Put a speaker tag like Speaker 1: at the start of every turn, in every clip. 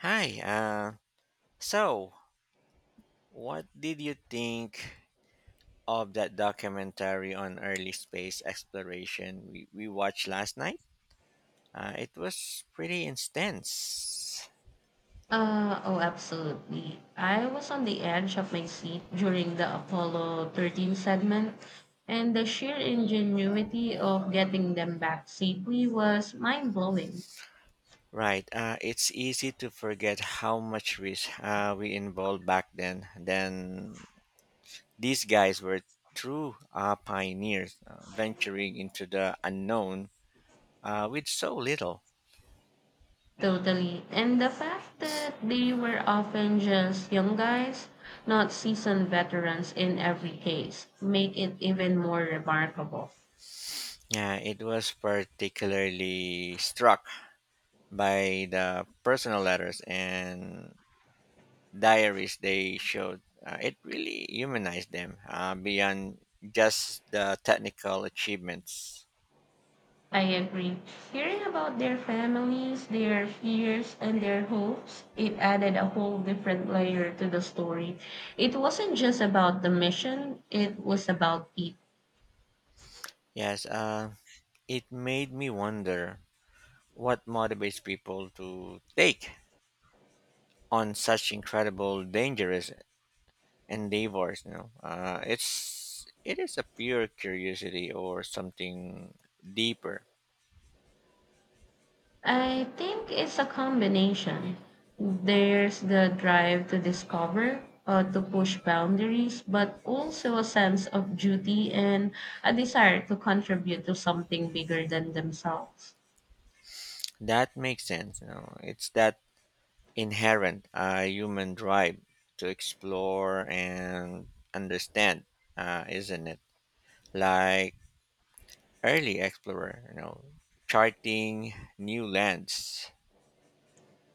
Speaker 1: Hi. So, what did you think of that documentary on early space exploration we watched last night? It was pretty intense.
Speaker 2: Oh, Absolutely. I was on the edge of my seat during the Apollo 13 segment, and the sheer ingenuity of getting them back safely was mind blowing.
Speaker 1: Right. It's easy to forget how much risk we involved back then. Then these guys were true pioneers, venturing into the unknown with so little.
Speaker 2: Totally. And the fact that they were often just young guys, not seasoned veterans in every case, make it even more remarkable.
Speaker 1: Yeah, it was particularly struck by the personal letters and diaries they showed, it really humanized them beyond just the technical achievements.
Speaker 2: I agree. Hearing about their families, their fears, and their hopes, it added a whole different layer to the story. It wasn't just about the mission, it was about people.
Speaker 1: Yes, it made me wonder what motivates people to take on such incredible, dangerous endeavors. You know, it is a pure curiosity or something deeper.
Speaker 2: I think it's a combination. There's the drive to discover, to push boundaries, but also a sense of duty and a desire to contribute to something bigger than themselves.
Speaker 1: That makes sense. You know, it's that inherent human drive to explore and understand, isn't it? Like early explorer, you know, charting new lands.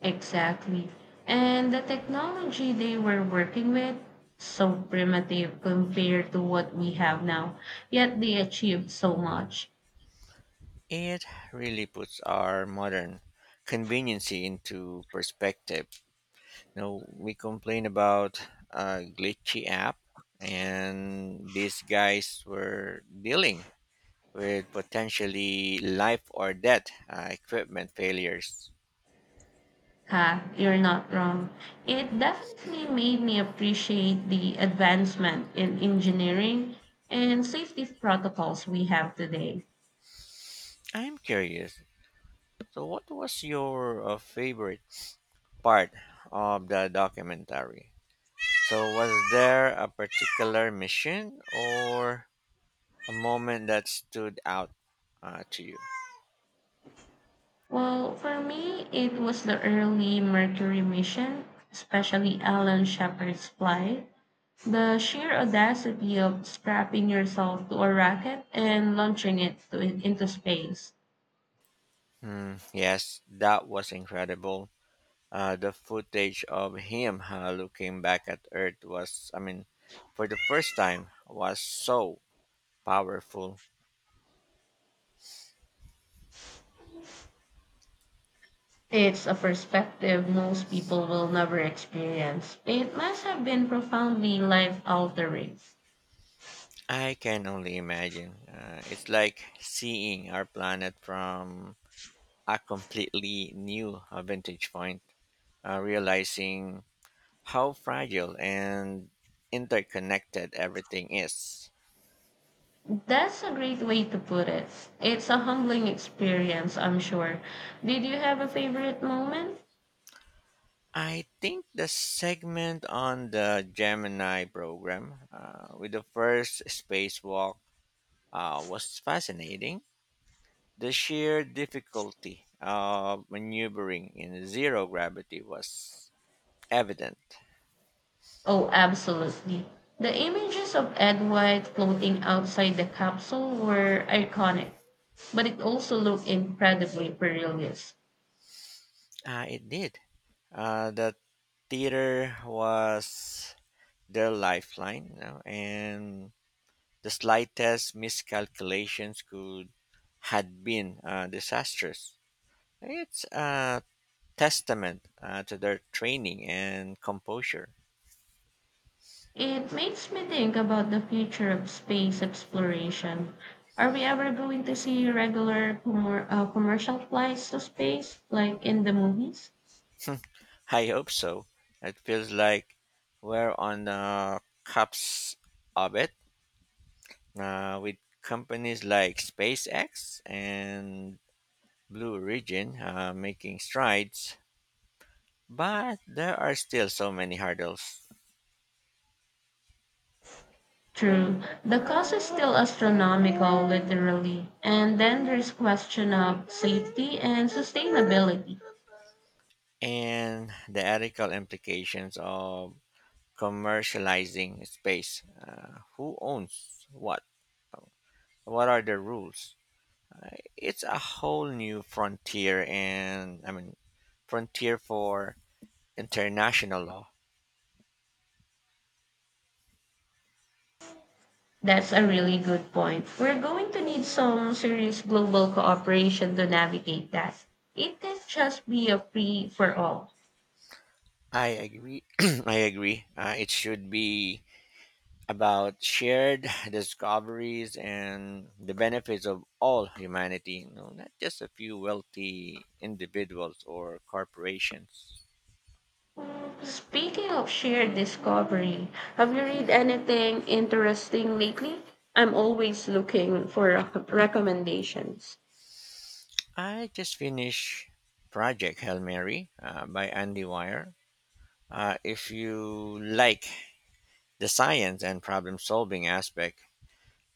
Speaker 2: Exactly. And the technology they were working with, so primitive compared to what we have now, yet they achieved so much.
Speaker 1: It really puts our modern conveniency into perspective. You know, we complain about a glitchy app, and these guys were dealing with potentially life or death equipment failures.
Speaker 2: Ha, you're not wrong. It definitely made me appreciate the advancement in engineering and safety protocols we have today.
Speaker 1: I'm curious. So, what was your favorite part of the documentary? So, was there a particular mission or a moment that stood out to you?
Speaker 2: Well, for me, it was the early Mercury mission, especially Alan Shepard's flight. The sheer audacity of strapping yourself to a racket and launching into space.
Speaker 1: Hmm, yes, that was incredible. The footage of him looking back at Earth was, I mean, for the first time, was so powerful.
Speaker 2: It's a perspective most people will never experience. It must have been profoundly life altering.
Speaker 1: I can only imagine. It's like seeing our planet from a completely new vantage point, realizing how fragile and interconnected everything is.
Speaker 2: That's a great way to put it. It's a humbling experience, I'm sure. Did you have a favorite moment?
Speaker 1: I think the segment on the Gemini program with the first spacewalk was fascinating. The sheer difficulty of maneuvering in zero gravity was evident.
Speaker 2: Oh, absolutely. The images of Ed White floating outside the capsule were iconic, but it also looked incredibly perilous.
Speaker 1: It did. The theater was their lifeline, you know, and the slightest miscalculations could had been disastrous. It's a testament to their training and composure.
Speaker 2: It makes me think about the future of space exploration. Are we ever going to see regular commercial flights to space like in the movies?
Speaker 1: I hope so. It feels like we're on the cups of it with companies like SpaceX and Blue Origin making strides, but there are still so many hurdles.
Speaker 2: True. The cost is still astronomical, literally. And then there's question of safety and sustainability.
Speaker 1: And the ethical implications of commercializing space. Who owns what? What are the rules? Uh, it's a whole new frontier, and I mean frontier for international law.
Speaker 2: That's a really good point. We're going to need some serious global cooperation to navigate that. It can't just be a free for all.
Speaker 1: I agree. I agree. It should be about shared discoveries and the benefits of all humanity, you know, not just a few wealthy individuals or corporations.
Speaker 2: Mm, speaking of shared discovery, have you read anything interesting lately? I'm always looking for recommendations.
Speaker 1: I just finished Project Hail Mary by Andy Weir. If you like the science and problem solving aspect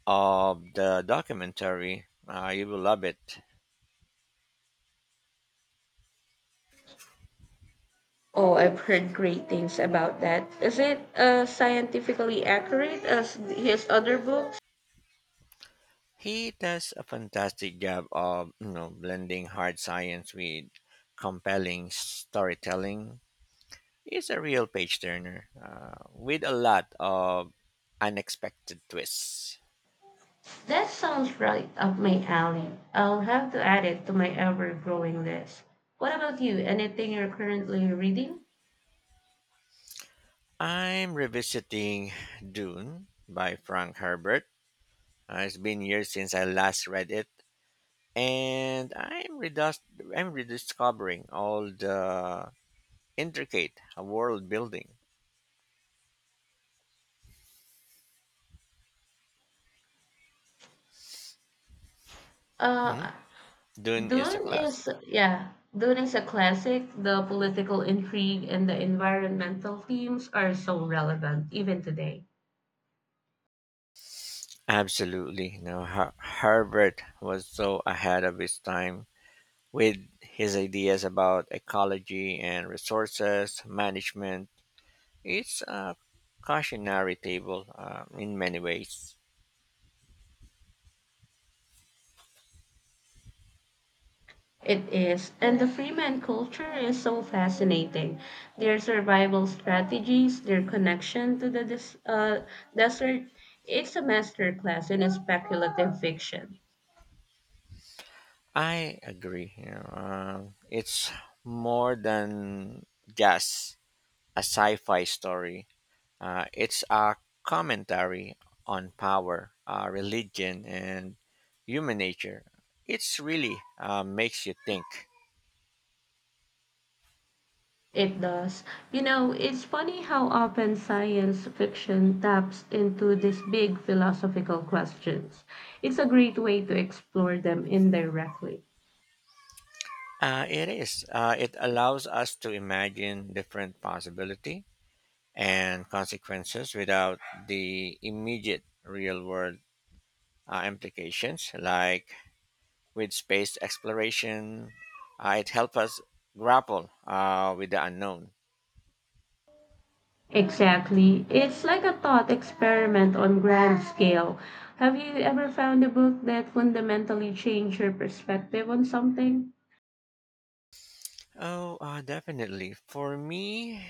Speaker 1: of the documentary, you will love it.
Speaker 2: Oh, I've heard great things about that. Is it scientifically accurate as his other book?
Speaker 1: He does a fantastic job of blending hard science with compelling storytelling. It's a real page turner with a lot of unexpected twists.
Speaker 2: That sounds right up my alley. I'll have to add it to my ever-growing list. What about you? Anything you're currently reading?
Speaker 1: I'm revisiting Dune by Frank Herbert. It's been years since I last read it, and I'm rediscovering all the intricate world building. Mhm.
Speaker 2: Uh,
Speaker 1: Dune is a
Speaker 2: Dune
Speaker 1: classic.
Speaker 2: is, yeah, Dune is a classic. The political intrigue and the environmental themes are so relevant even today.
Speaker 1: Absolutely. No, Herbert was so ahead of his time with his ideas about ecology and resources management. It's a cautionary table in many ways.
Speaker 2: It is. And the Freeman culture is so fascinating. Their survival strategies, their connection to the desert. It's a masterclass in speculative fiction.
Speaker 1: I agree. It's more than just a sci-fi story. It's a commentary on power, religion, and human nature. It's really makes you think.
Speaker 2: It does. You know, it's funny how often science fiction taps into these big philosophical questions. It's a great way to explore them indirectly.
Speaker 1: It is. It allows us to imagine different possibility and consequences without the immediate real world implications. Like with space exploration, it helps us grapple with the unknown.
Speaker 2: Exactly. It's like a thought experiment on grand scale. Have you ever found a book that fundamentally changed your perspective on something?
Speaker 1: Oh, definitely. For me,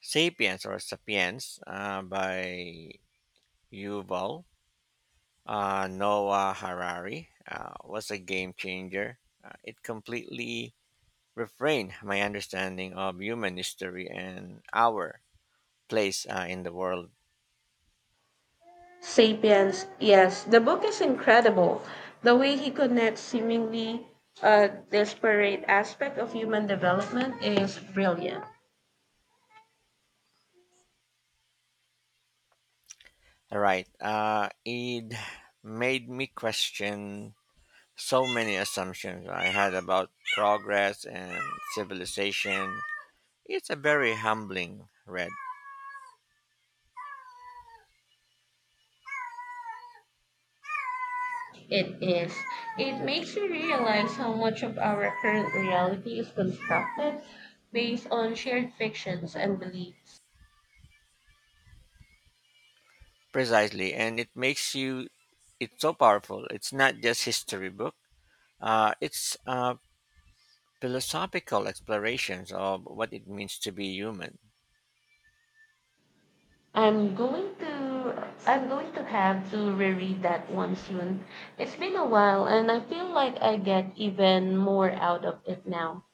Speaker 1: Sapiens or Sapiens by Yuval Noah Harari was a game changer. It completely reframed my understanding of human history and our place in the world.
Speaker 2: Sapiens, yes, the book is incredible. The way he connects seemingly disparate aspect of human development is brilliant.
Speaker 1: All right. It made me question so many assumptions I had about progress and civilization. It's a very humbling read.
Speaker 2: It is. It makes you realize how much of our current reality is constructed based on shared fictions and beliefs.
Speaker 1: Precisely, and it makes you it's so powerful. It's not just history book. It's philosophical explorations of what it means to be human.
Speaker 2: I'm going to I'm going to have to reread that one soon. It's been a while and I feel like I get even more out of it now.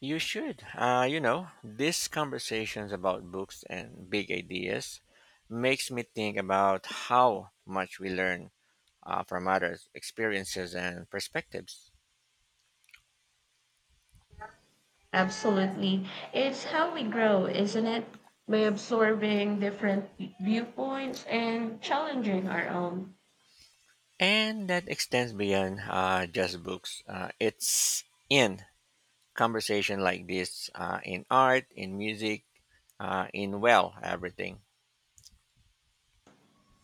Speaker 1: You should, you know, these conversations about books and big ideas makes me think about how much we learn from others' experiences and perspectives.
Speaker 2: Absolutely. It's how we grow, isn't it? By absorbing different viewpoints and challenging our own.
Speaker 1: And that extends beyond just books. It's in conversation like this, in art, in music, in well, everything.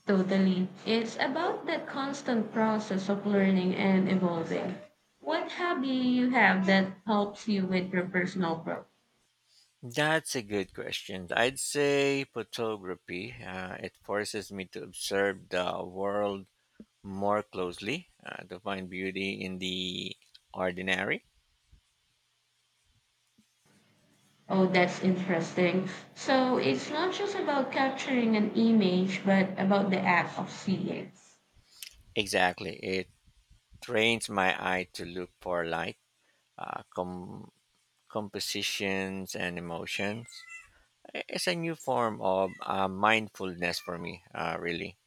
Speaker 2: Totally. It's about that constant process of learning and evolving. What hobby you have that helps you with your personal growth?
Speaker 1: That's a good question. I'd say photography. It forces me to observe the world more closely, to find beauty in the ordinary.
Speaker 2: Oh, that's interesting. So it's not just about capturing an image, but about the act of seeing.
Speaker 1: Exactly. It trains my eye to look for light, uh, com- compositions and emotions. It's a new form of mindfulness for me, really.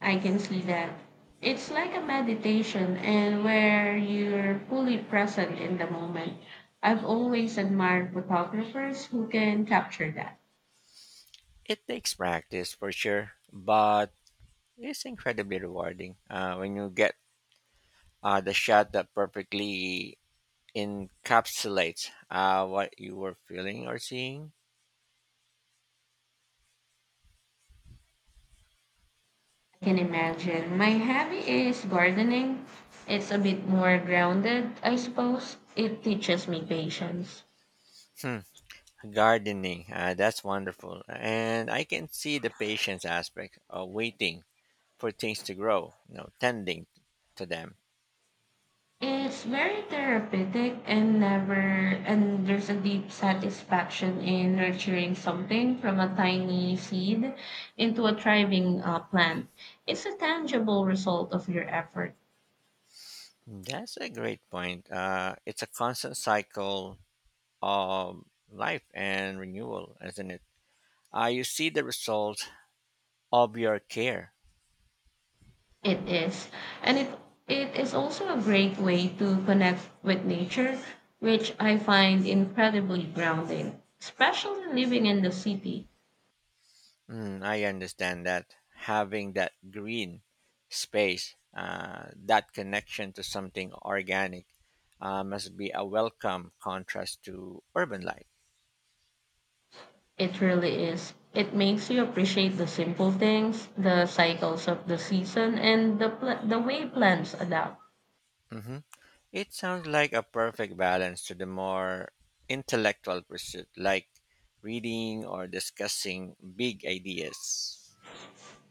Speaker 2: I can see that. It's like a meditation and where you're fully present in the moment. I've always admired photographers who can capture that.
Speaker 1: It takes practice for sure, but it's incredibly rewarding when you get the shot that perfectly encapsulates what you were feeling or seeing.
Speaker 2: I can imagine. My hobby is gardening. It's a bit more grounded, I suppose. It teaches me patience.
Speaker 1: Hmm. Gardening, that's wonderful. And I can see the patience aspect of waiting for things to grow, you know, tending to them.
Speaker 2: It's very therapeutic and never and there's a deep satisfaction in nurturing something from a tiny seed into a thriving plant. It's a tangible result of your effort.
Speaker 1: Mm, that's a great point. It's a constant cycle of life and renewal, isn't it? You see the result of your care.
Speaker 2: It is. And it is also a great way to connect with nature, which I find incredibly grounding, especially living in the city.
Speaker 1: Mm, I understand that having that green space, that connection to something organic, must be a welcome contrast to urban life.
Speaker 2: It really is. It makes you appreciate the simple things, the cycles of the season, and the way plants adapt.
Speaker 1: Hmm. It sounds like a perfect balance to the more intellectual pursuit, like reading or discussing big ideas.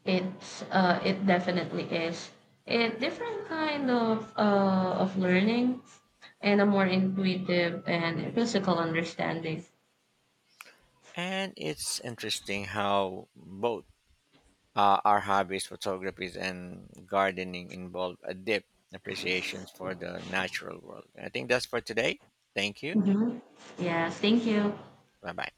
Speaker 2: It's it definitely is a different kind of learning and a more intuitive and physical understanding.
Speaker 1: And it's interesting how both our hobbies, photography and gardening, involve a deep appreciation for the natural world. I think that's for today. Thank you.
Speaker 2: Hmm. Yes, thank you.
Speaker 1: Bye bye.